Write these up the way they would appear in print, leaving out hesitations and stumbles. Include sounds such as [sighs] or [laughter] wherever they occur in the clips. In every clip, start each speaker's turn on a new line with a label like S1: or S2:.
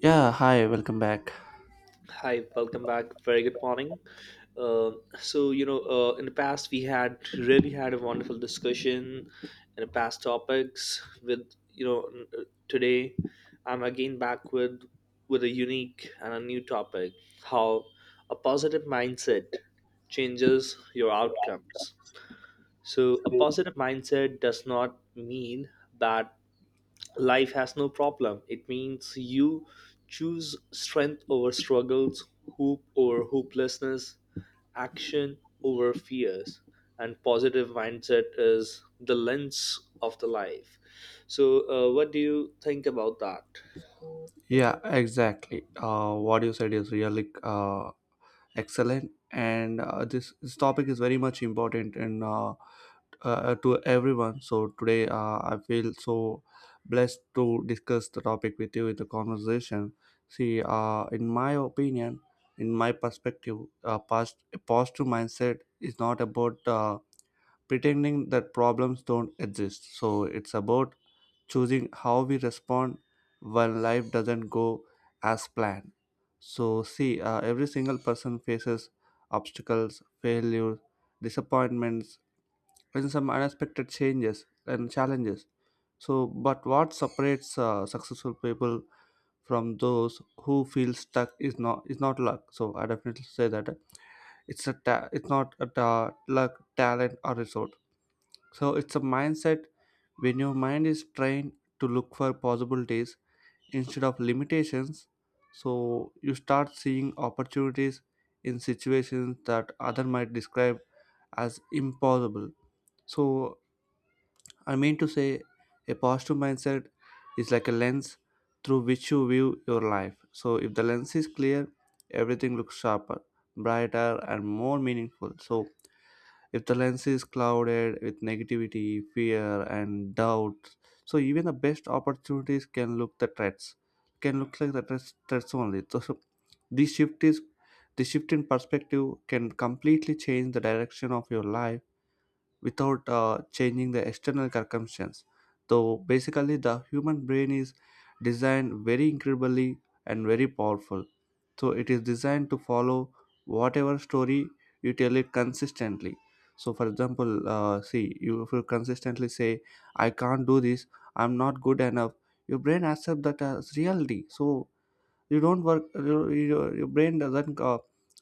S1: Yeah, hi, welcome back.
S2: Hi, welcome back. Very good morning. Uh, in the past, we had really had a wonderful discussion in the past topics. With you know, n- Today I'm again back with a unique and a new topic: how a positive mindset changes your outcomes. So, a positive mindset does not mean that life has no problem, it means you choose strength over struggles, hope over hopelessness, action over fears, and positive mindset is the lens of the life. So what do you think about that?
S1: Yeah, exactly. What you said is really excellent, and this topic is very much important and to everyone. So today, I feel so blessed to discuss the topic with you in the conversation. In my opinion, in my perspective, past a positive mindset is not about pretending that problems don't exist. So it's about choosing how we respond when life doesn't go as planned. So, every single person faces obstacles, failures, disappointments, and some unexpected changes and challenges. So, but what separates successful people from those who feel stuck is not luck. So, I definitely say that it's not a luck, talent, or resort. So it's a mindset when your mind is trained to look for possibilities instead of limitations. So you start seeing opportunities in situations that other might describe as impossible. So I mean to say a positive mindset is like a lens through which you view your life. So if the lens is clear, everything looks sharper, brighter and more meaningful. So if the lens is clouded with negativity, fear, and doubt, so even the best opportunities can look the threats, can look like the threats only. So this shift is the shift in perspective can completely change the direction of your life without changing the external circumstance. So basically, the human brain is designed very incredibly and very powerful. So it is designed to follow whatever story you tell it consistently. So, for example, you if you consistently say, "I can't do this," "I'm not good enough," your brain accepts that as reality. So you don't work. Your brain doesn't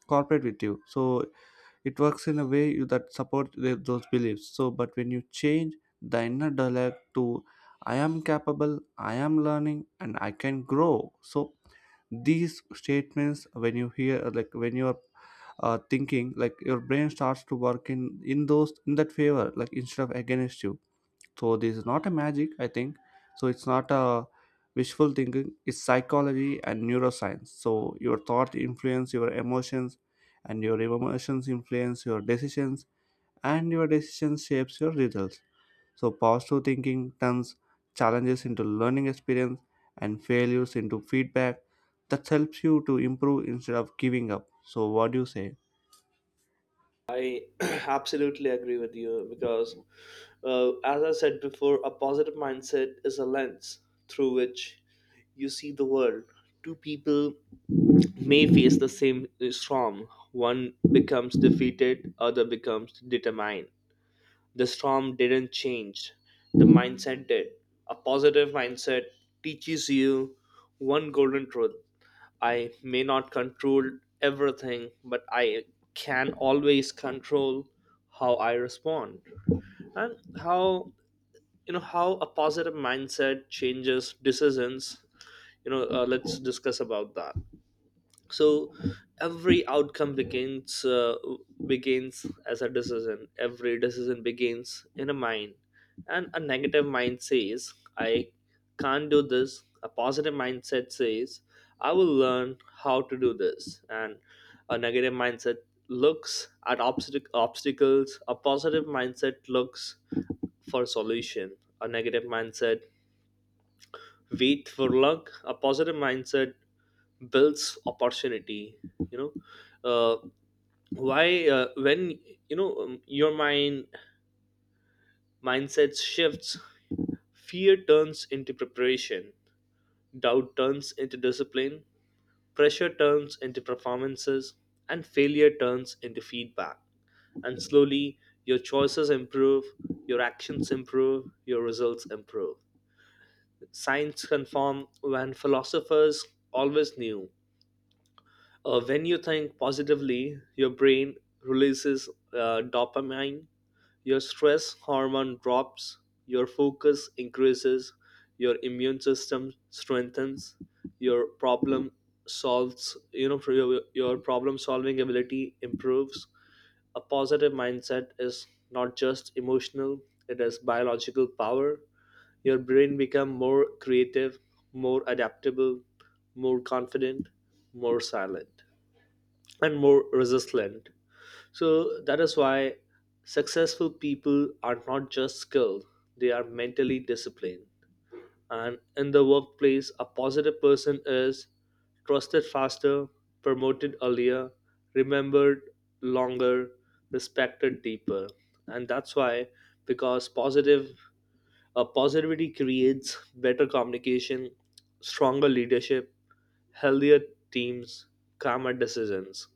S1: cooperate with you. So it works in a way that supports those beliefs, so but when you change the inner dialogue to I am capable, I am learning and I can grow. So these statements, when you hear, like when you are thinking, like your brain starts to work in those in that favor, like instead of against you. So this is not a magic, I think. So it's not a wishful thinking, it's psychology and neuroscience. So your thoughts influence your emotions and your emotions influence your decisions and your decisions shapes your results. So positive thinking turns challenges into learning experience and failures into feedback that helps you to improve instead of giving up. So what do you say?
S2: I [clears throat] absolutely agree with you because, as I said before, a positive mindset is a lens through which you see the world. Two people may face the same storm. One becomes defeated, other becomes determined. The storm didn't change, the mindset did. A positive mindset teaches you one golden truth: I may not control everything, but I can always control how I respond. And how, you know, how a positive mindset changes decisions, let's discuss about that. So every outcome begins begins as a decision every decision begins in a mind. And a negative mind says I can't do this, a positive mindset says I will learn how to do this. And a negative mindset looks at obstacles, a positive mindset looks for solution. A negative mindset wait for luck, a positive mindset builds opportunity. You know uh, why when you know your mindset shifts, fear turns into preparation, doubt turns into discipline, pressure turns into performances, and failure turns into feedback. And slowly your choices improve, your actions improve, your results improve. Science confirm when philosophers always knew. When you think positively, your brain releases, dopamine, your stress hormone drops, your focus increases, your immune system strengthens, your problem solves, your problem solving ability improves. A positive mindset is not just emotional, it is biological power. Your brain become more creative, more adaptable, more confident, more silent and more resilient. So that is why successful people are not just skilled, they are mentally disciplined. And in the workplace, a positive person is trusted faster, promoted earlier, remembered longer, respected deeper. And that's why, because positive positivity creates better communication, stronger leadership, healthier teams, calmer decisions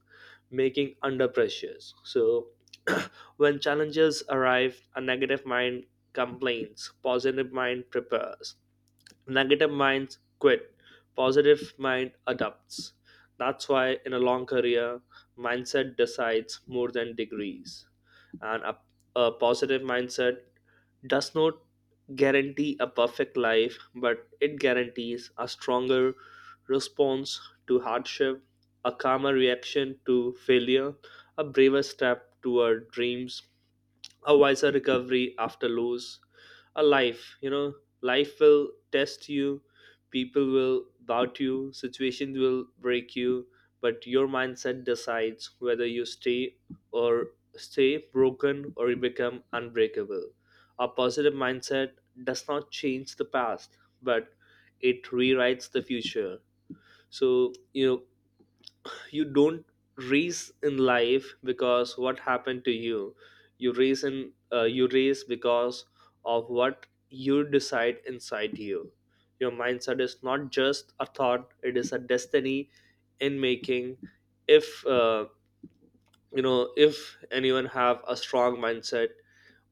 S2: making under pressures. So [clears throat] when challenges arrive, a negative mind complains, positive mind prepares. Negative minds quit, positive mind adopts. That's why in a long career, mindset decides more than degrees. And a, a positive mindset does not guarantee a perfect life, but it guarantees a stronger response to hardship, a calmer reaction to failure, a braver step toward dreams, a wiser recovery after loss. A life will test you, people will doubt you, situations will break you, but your mindset decides whether you or stay broken or you become unbreakable. A positive mindset does not change the past, but it rewrites the future. So, you know, you don't race in life because what happened to you, you race in you race because of what you decide inside you. Your mindset is not just a thought, it is a destiny in making. If uh, you know if anyone have a strong mindset,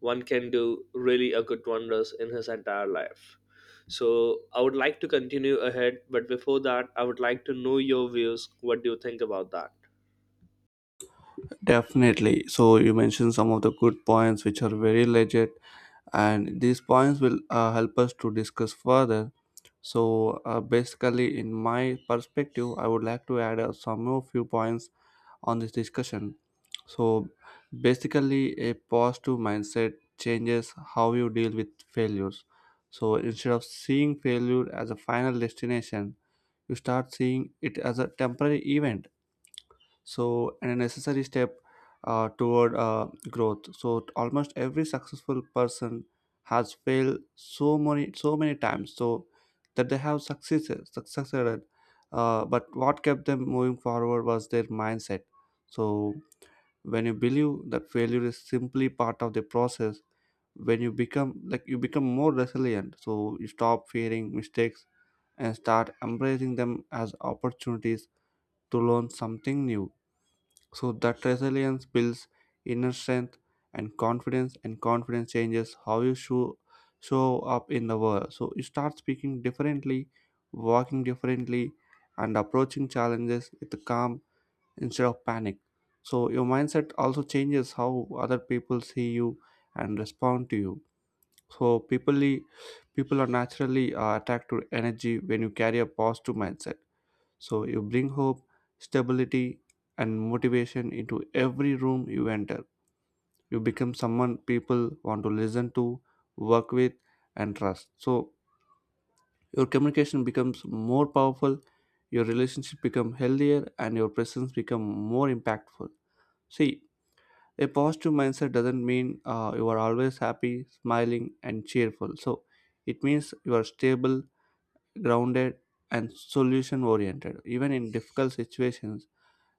S2: one can do really a good wonders in his entire life. So I would like to continue ahead, but before that I would like to know your views. What do you think about that?
S1: Definitely. So you mentioned some of the good points which are very legit, and these points will help us to discuss further. So basically, in my perspective, I would like to add some more few points on this discussion. So basically, a positive mindset changes how you deal with failures. So instead of seeing failure as a final destination, you start seeing it as a temporary event, so and a necessary step toward growth. So almost every successful person has failed so many times, so that they have succeeded, but what kept them moving forward was their mindset. So when you believe that failure is simply part of the process, when you become, like you become more resilient, so you stop fearing mistakes and start embracing them as opportunities to learn something new. So that resilience builds inner strength and confidence changes how you show up in the world. So you start speaking differently, walking differently, and approaching challenges with calm instead of panic. So your mindset also changes how other people see you and respond to you. So people are naturally attracted to energy. When you carry a positive mindset, so you bring hope, stability, and motivation into every room you enter. You become someone people want to listen to, work with, and trust. So your communication becomes more powerful, your relationship become healthier, and your presence become more impactful. See, a positive mindset doesn't mean you are always happy, smiling, and cheerful. So it means you are stable, grounded, and solution oriented. Even in difficult situations,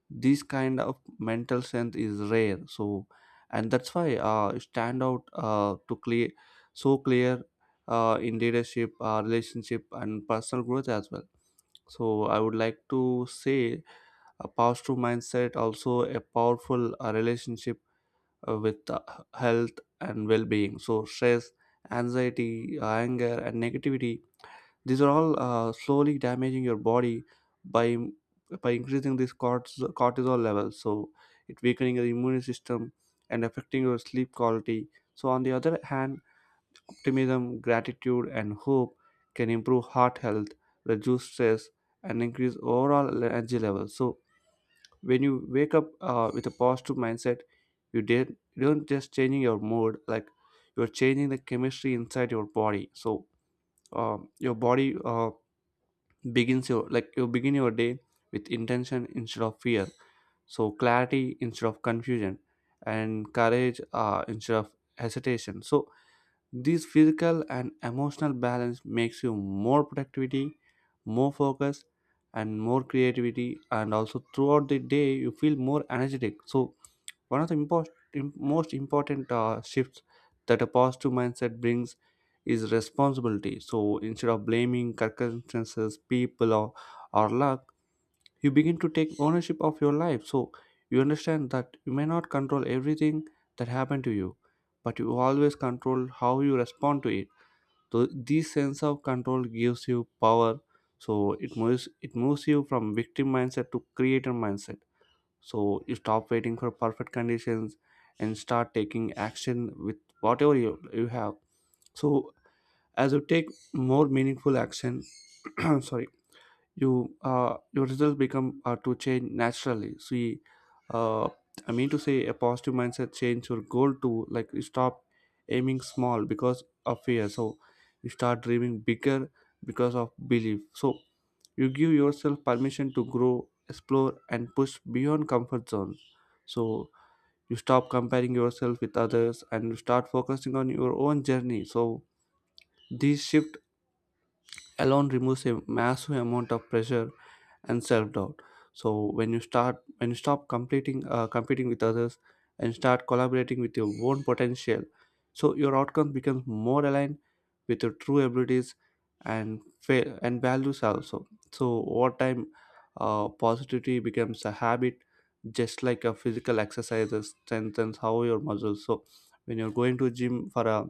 S1: this kind of mental strength is rare, so and that's why you stand out to clear so clear in leadership, relationship and personal growth as well. So I would like to say a positive mindset also a powerful relationship with health and well-being. So stress, anxiety, anger and negativity, these are all slowly damaging your body by by increasing this cortisol levels. So it weakening your immune system and affecting your sleep quality. So on the other hand, optimism, gratitude, and hope can improve heart health, reduce stress, and increase overall energy levels. So when you wake up with a positive mindset, you did you don't just changing your mood, like you're changing the chemistry inside your body. So your body. Begins your, like you begin your day with intention instead of fear, so clarity instead of confusion and courage instead of hesitation. So this physical and emotional balance makes you more productivity, more focus and more creativity, and also throughout the day you feel more energetic. So one of the most important shifts that a positive mindset brings is responsibility. So instead of blaming circumstances, people, or luck, you begin to take ownership of your life. So you understand that you may not control everything that happened to you, but you always control how you respond to it. So this sense of control gives you power. So it moves you from victim mindset to creator mindset. So you stop waiting for perfect conditions and start taking action with whatever you have. So as you take more meaningful action, [clears throat] sorry, you your results become to change naturally. See, uh, I mean to say a positive mindset change your goal to, like you stop aiming small because of fear, so you start dreaming bigger because of belief. So you give yourself permission to grow, explore and push beyond comfort zone. So you stop comparing yourself with others and you start focusing on your own journey. So this shift alone removes a massive amount of pressure and self-doubt. So when you start when you stop completing competing with others and start collaborating with your own potential, so your outcome becomes more aligned with your true abilities and and values also. So over time, positivity becomes a habit, just like a physical exercise strengthens how your muscles. So when you're going to gym for a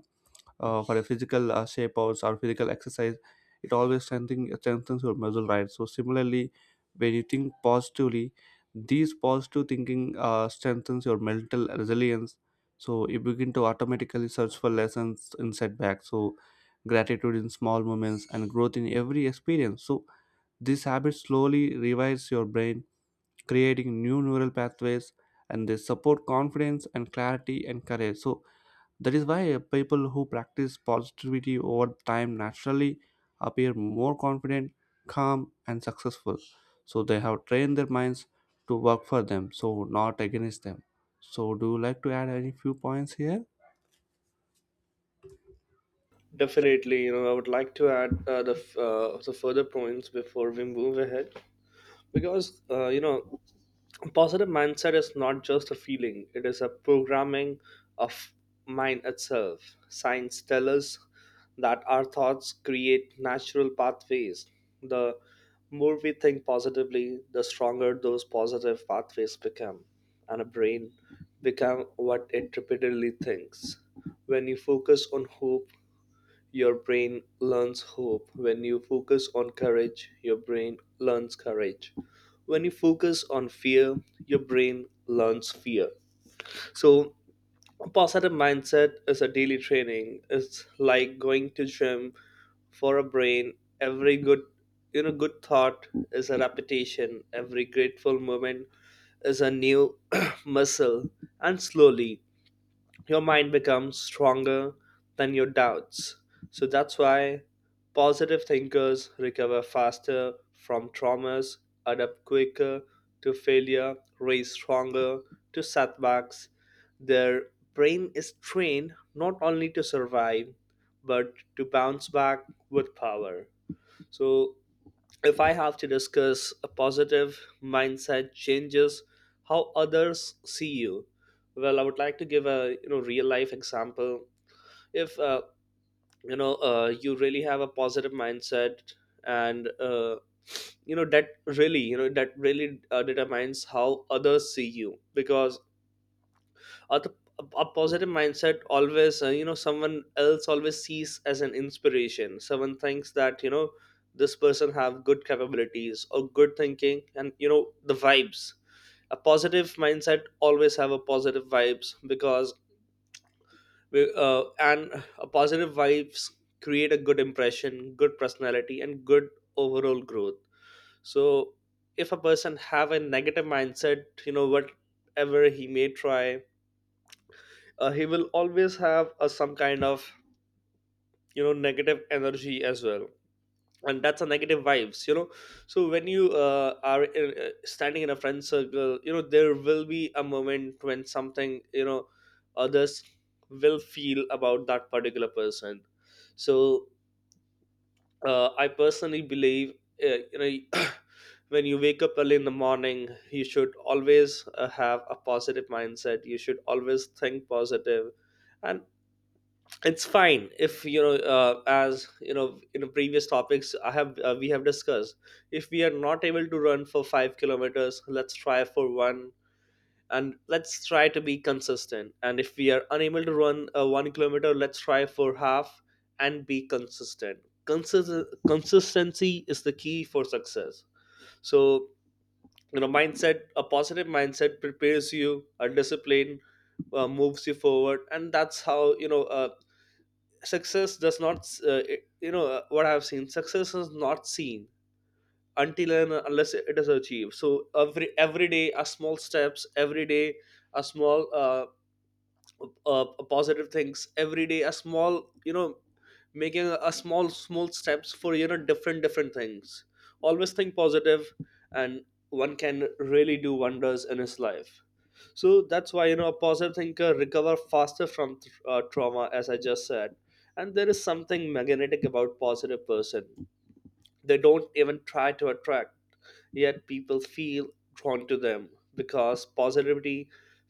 S1: for a physical shape outs or physical exercise, it always strengthens your muscle, right? So similarly, when you think positively, these positive thinking strengthens your mental resilience. So you begin to automatically search for lessons in setbacks, so gratitude in small moments and growth in every experience. So this habit slowly revives your brain, creating new neural pathways, and they support confidence and clarity and courage. So that is why people who practice positivity over time naturally appear more confident, calm, and successful. So they have trained their minds to work for them, so not against them. So, do you like to add any few points here?
S2: Definitely, you know, I would like to add the further points before we move ahead, because, you know, positive mindset is not just a feeling; it is a programming of mind itself. Science tells us that our thoughts create natural pathways. The more we think positively, the stronger those positive pathways become, and a brain become what it repeatedly thinks. When you focus on hope, your brain learns hope. When you focus on courage, your brain learns courage. When you focus on fear, your brain learns fear. So a positive mindset is a daily training. It's like going to gym for a brain. Every good you know good thought is a repetition. Every grateful moment is a new [clears throat] muscle, and slowly your mind becomes stronger than your doubts. So that's why positive thinkers recover faster from traumas, adapt quicker to failure, raise stronger to setbacks. Their brain is trained not only to survive but to bounce back with power. So if I have to discuss a positive mindset changes how others see you, well, I would like to give a, you know, real life example. If you know you really have a positive mindset, and, you know, that really determines how others see you. Because uh, the, a positive mindset always, you know, someone else always sees as an inspiration. Someone thinks that, you know, this person have good capabilities or good thinking. And, you know, the vibes, a positive mindset always have a positive vibes. Because we, and a positive vibes create a good impression, good personality, and good overall growth. So if a person have a negative mindset, you know, whatever he may try, he will always have a some kind of, you know, negative energy as well, and that's a negative vibes, you know. So when you are in, standing in a friend circle, you know, there will be a moment when something, you know, others will feel about that particular person. So, I personally believe, uh, you know [coughs] [clears throat] when you wake up early in the morning, you should always have a positive mindset, you should always think positive. And it's fine if, as you know, in the previous topics I have we have discussed, if we are not able to run for 5 kilometers, let's try for 1, and let's try to be consistent. And if we are unable to run 1 kilometer, let's try for half and be consistent. Consistency is the key for success. So, you know, mindset a positive mindset prepares you, a discipline moves you forward. And that's how, you know, success does not it- you know what I've seen, success is not seen until and unless it is achieved. So every day are small steps, every day are small uh positive things, every day are small, you know, making a small small steps for, you know, different different things. Always think positive, and one can really do wonders in his life. So that's why, you know, a positive thinker recover faster from trauma, as I just said. And there is something magnetic about positive person. They don't even try to attract, yet people feel drawn to them, because positivity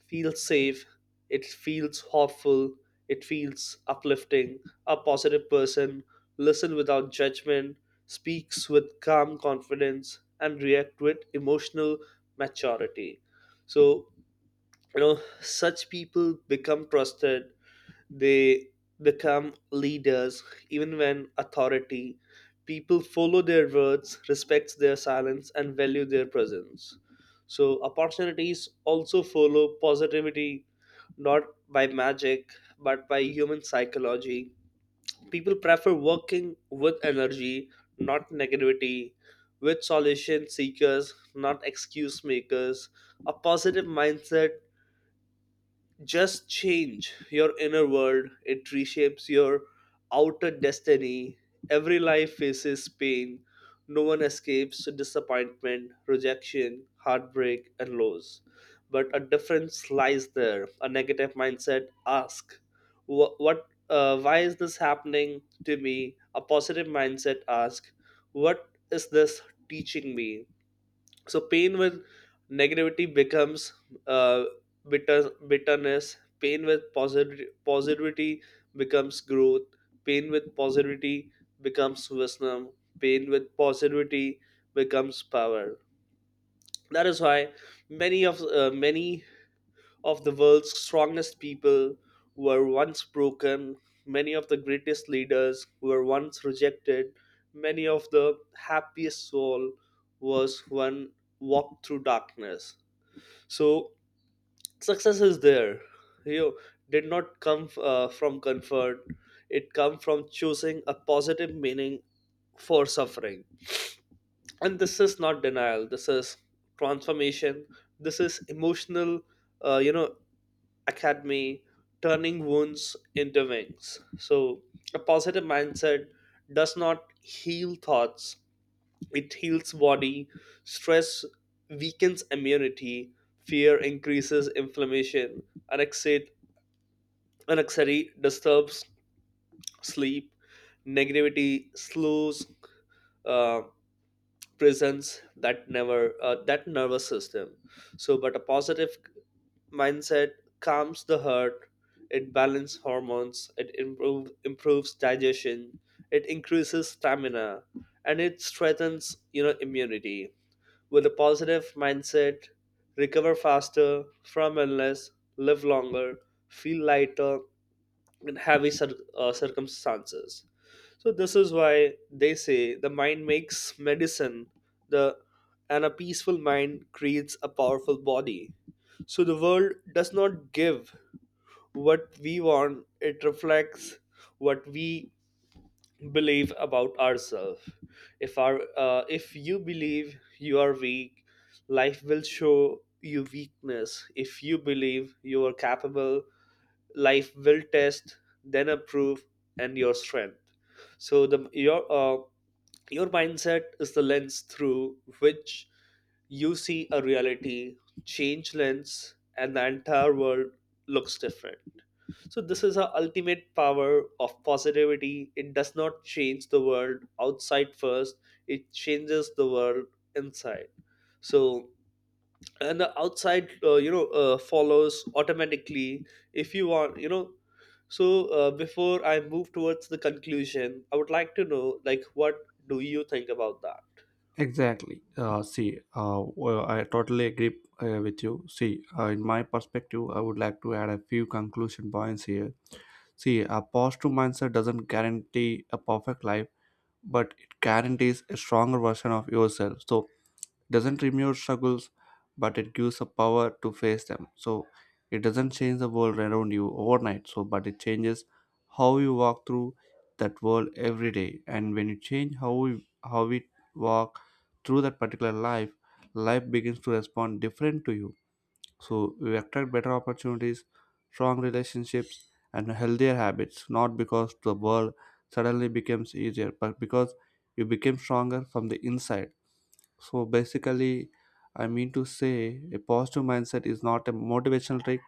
S2: feels safe, it feels hopeful, it feels uplifting. A positive person listen without judgment, speaks with calm confidence, and react with emotional maturity. So, you know, such people become trusted, they become leaders. Even when authority, people follow their words, respect their silence, and value their presence. So opportunities also follow positivity, not by magic, but by human psychology. People prefer working with energy, not negativity, with solution seekers, not excuse makers. A positive mindset just change your inner world, it reshapes your outer destiny. Every life faces pain, no one escapes disappointment, rejection, heartbreak and loss. But a difference lies there: a negative mindset ask, "Wh- what why is this happening to me?" A positive mindset ask, what is this teaching me? So pain with negativity becomes uh, bitterness, pain with positivity becomes growth, pain with positivity becomes wisdom, pain with positivity becomes power. That is why many of the world's strongest people were once broken. Many of the greatest leaders were once rejected. Many of the happiest soul was one walked through darkness. So success is there, you know, did not come from comfort. It come from choosing a positive meaning for suffering. And this is not denial. This is transformation. This is emotional, uh, you know, academy, turning wounds into wings. So, a positive mindset does not heal thoughts, it heals body. Stress weakens immunity, fear increases inflammation, anxiety, anxiety disturbs sleep, negativity slows uh, presence, that never that nervous system. So, but a positive mindset calms the heart, it balances hormones, improves digestion, it increases stamina, and it strengthens, you know, immunity. With a positive mindset, recover faster from illness, live longer, feel lighter, in heavy circumstances. So this is why they say the mind makes medicine, the and a peaceful mind creates a powerful body. So the world does not give what we want; it reflects what we believe about ourselves. If you believe you are weak, life will show you weakness. If you believe you are capable, life will test then approve and your strength. So the your mindset is the lens through which you see a reality. Change lens, and the entire world looks different. So this is our ultimate power of positivity: it does not change the world outside first, it changes the world inside. So, and the outside, follows automatically, if you want, you know. So, before I move towards the conclusion, I would like to know, like, what do you think about that?
S1: Exactly. Well, I totally agree with you. In my perspective, I would like to add a few conclusion points here. See, a positive mindset doesn't guarantee a perfect life, but it guarantees a stronger version of yourself. So, doesn't remove struggles, but it gives a power to face them. So it doesn't change the world around you overnight. So but it changes how you walk through that world every day. And when you change how we walk through that particular life, life begins to respond different to you. So you attract better opportunities, strong relationships, and healthier habits. Not because the world suddenly becomes easier, but because you became stronger from the inside. So basically, I mean to say a positive mindset is not a motivational trick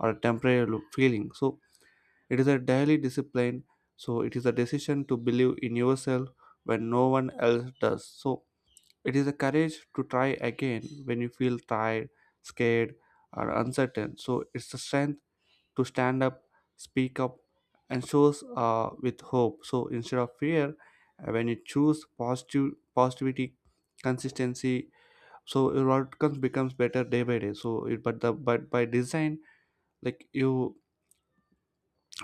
S1: or a temporary look feeling. So it is a daily discipline. So it is a decision to believe in yourself when no one else does. So it is a courage to try again when you feel tired, scared, or uncertain. So it's the strength to stand up, speak up, and shows with hope. So instead of fear, when you choose positive positivity, consistency, so your outcomes becomes better day by day. So it, but by design, like you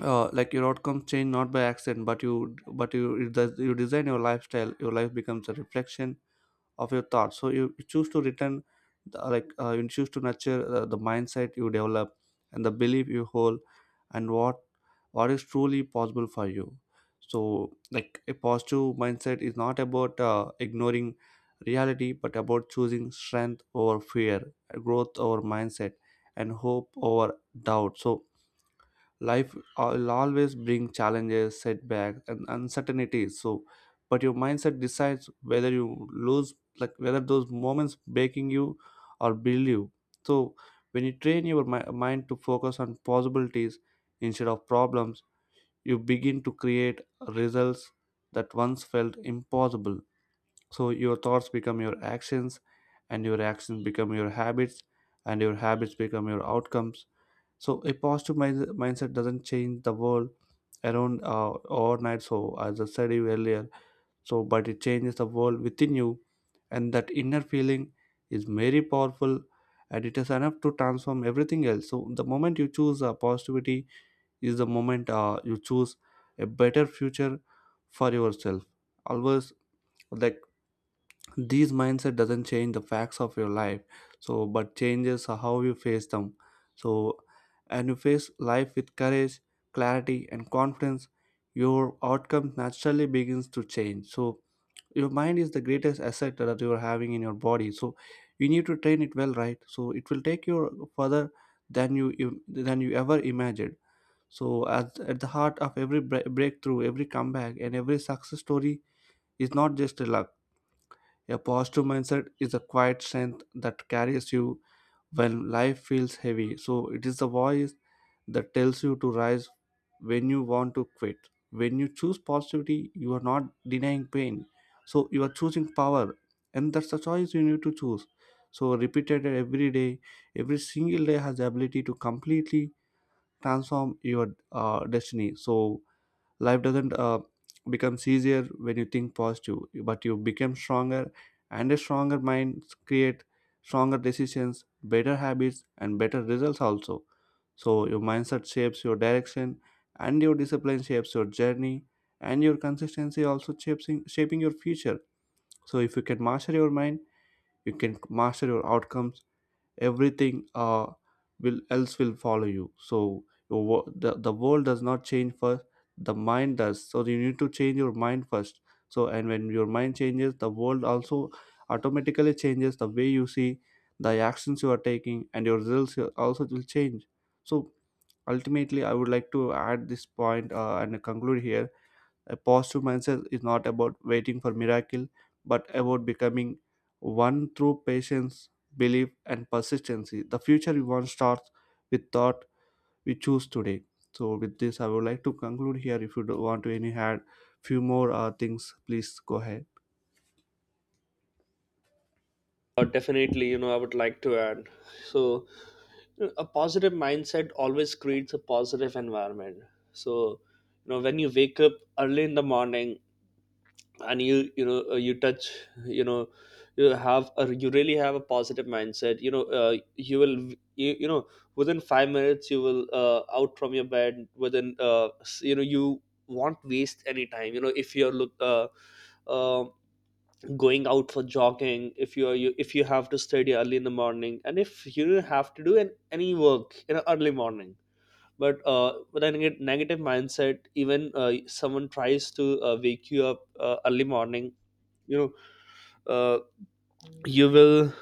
S1: like your outcomes change not by accident, but you it does you design your lifestyle. Your life becomes a reflection of your thoughts. So you choose to return you choose to nurture the mindset you develop and the belief you hold and what is truly possible for you. So like a positive mindset is not about ignoring reality, but about choosing strength over fear, growth over mindset, and hope over doubt. So life will always bring challenges, setbacks, and uncertainties. But your mindset decides whether you lose, like whether those moments breaking you or build you. So when you train your mind to focus on possibilities instead of problems, you begin to create results that once felt impossible. So your thoughts become your actions, and your actions become your habits, and your habits become your outcomes. So a positive mindset doesn't change the world around overnight. So as I said you earlier, but it changes the world within you, and that inner feeling is very powerful, and it is enough to transform everything else. So the moment you choose positivity is the moment you choose a better future for yourself. Always, like, these mindset doesn't change the facts of your life, but changes how you face them. So, and you face life with courage, clarity, and confidence. Your outcome naturally begins to change. So your mind is the greatest asset that you are having in your body. So you need to train it well, right? So it will take you further than you than you ever imagined. So at the heart of every breakthrough, every comeback, and every success story is not just a luck. A positive mindset is a quiet strength that carries you when life feels heavy. So it is the voice that tells you to rise when you want to quit. When you choose positivity, you are not denying pain. So you are choosing power, and that's the choice you need to choose. So repeated every day, every single day has the ability to completely transform your destiny. So life doesn't becomes easier when you think positive, but you become stronger, and a stronger mind create stronger decisions, better habits, and better results also. So your mindset shapes your direction, and your discipline shapes your journey, and your consistency also shaping your future. So if you can master your mind, you can master your outcomes. Everything will else will follow you. So your, the world does not change first, the mind does. So you need to change your mind first. So and when your mind changes, the world also automatically changes, the way you see, the actions you are taking, and your results also will change. So ultimately I would like to add this point and conclude here. A positive mindset is not about waiting for miracle, but about becoming one through patience, belief, and persistency. The future we want starts with thought we choose today. So, with this, I would like to conclude here. If you do want to any add few more things, please go ahead.
S2: Definitely, you know, I would like to add. So, you know, a positive mindset always creates a positive environment. So, you know, when you wake up early in the morning, and you know you have a, you really have a positive mindset, you know, you, you know within 5 minutes you will out from your bed. Within s- you know You won't waste any time, you know, if you're look uh, going out for jogging, if you have to study early in the morning, and if you don't have to do an, any work in an early morning. But with a negative mindset, even someone tries to wake you up early morning, you know, uh, you will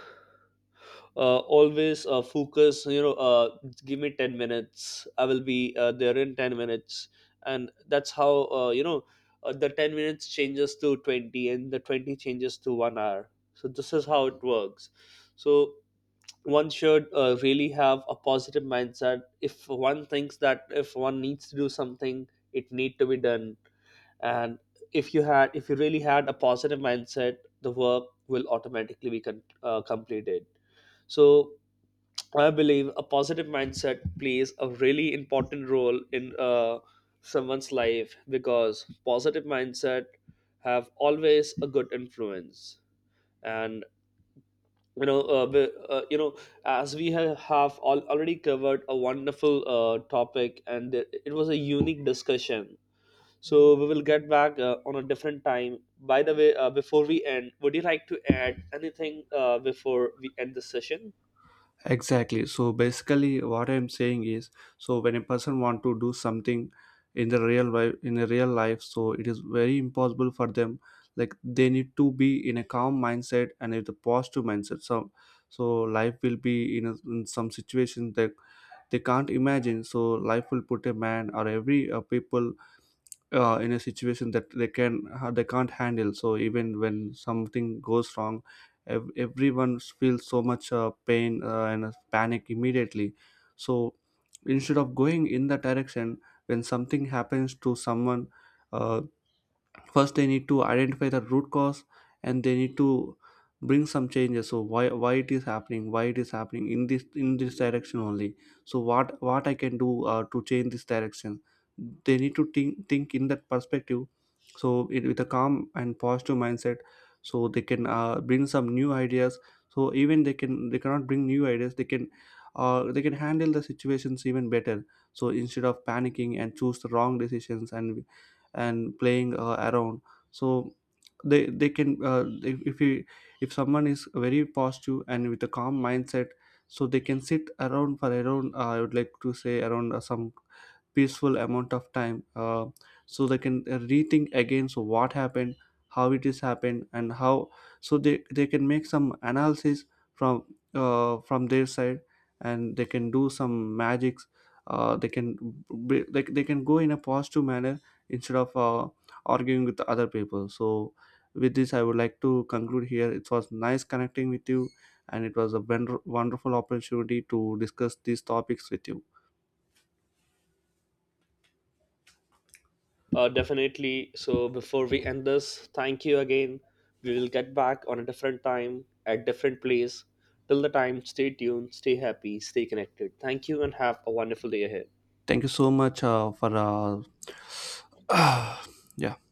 S2: always focus, you know, give me 10 minutes, I will be there in 10 minutes. And that's how, the 10 minutes changes to 20, and the 20 changes to 1 hour. So this is how it works. So one should really have a positive mindset. If one thinks that if one needs to do something, it need to be done. And if you really had a positive mindset, the work will automatically be completed. So I believe a positive mindset plays a really important role in, someone's life, because positive mindset have always a good influence. And, you know, as we have all already covered a wonderful topic, and it was a unique discussion. So we will get back on a different time. By the way, before we end, would you like to add anything before we end the session?
S1: Exactly. So basically, what I'm saying is, so when a person want to do something in the real life, in a real life, so it is very impossible for them. Like they need to be in a calm mindset and with a positive mindset. So, so life will be in, a, in some situations that they can't imagine. So life will put a man or every people in a situation that they can they can't handle. So even when something goes wrong, everyone feels so much pain and panic immediately. So instead of going in that direction when something happens to someone, uh, first they need to identify the root cause, and they need to bring some changes. So why it is happening, why it is happening in this direction only. So what I can do to change this direction. They need to think in that perspective. So it, with a calm and positive mindset, so they can bring some new ideas. So even they can, they cannot bring new ideas, they can handle the situations even better. So instead of panicking and choose the wrong decisions and playing around, so they can if, you, if someone is very positive and with a calm mindset, so they can sit around for around I would like to say around some peaceful amount of time, so they can rethink again. So what happened, how it is happened, and how. So they can make some analysis from from their side, and they can do some magics. They can they can go in a positive manner instead of arguing with the other people. So with this I would like to conclude here. It was nice connecting with you, and it was a wonderful opportunity to discuss these topics with you.
S2: Definitely. So before we end this, thank you again. We will get back on a different time at different place. Till the time, stay tuned, stay happy, stay connected. Thank you, and have a wonderful day ahead.
S1: Thank you so much for uh, [sighs] yeah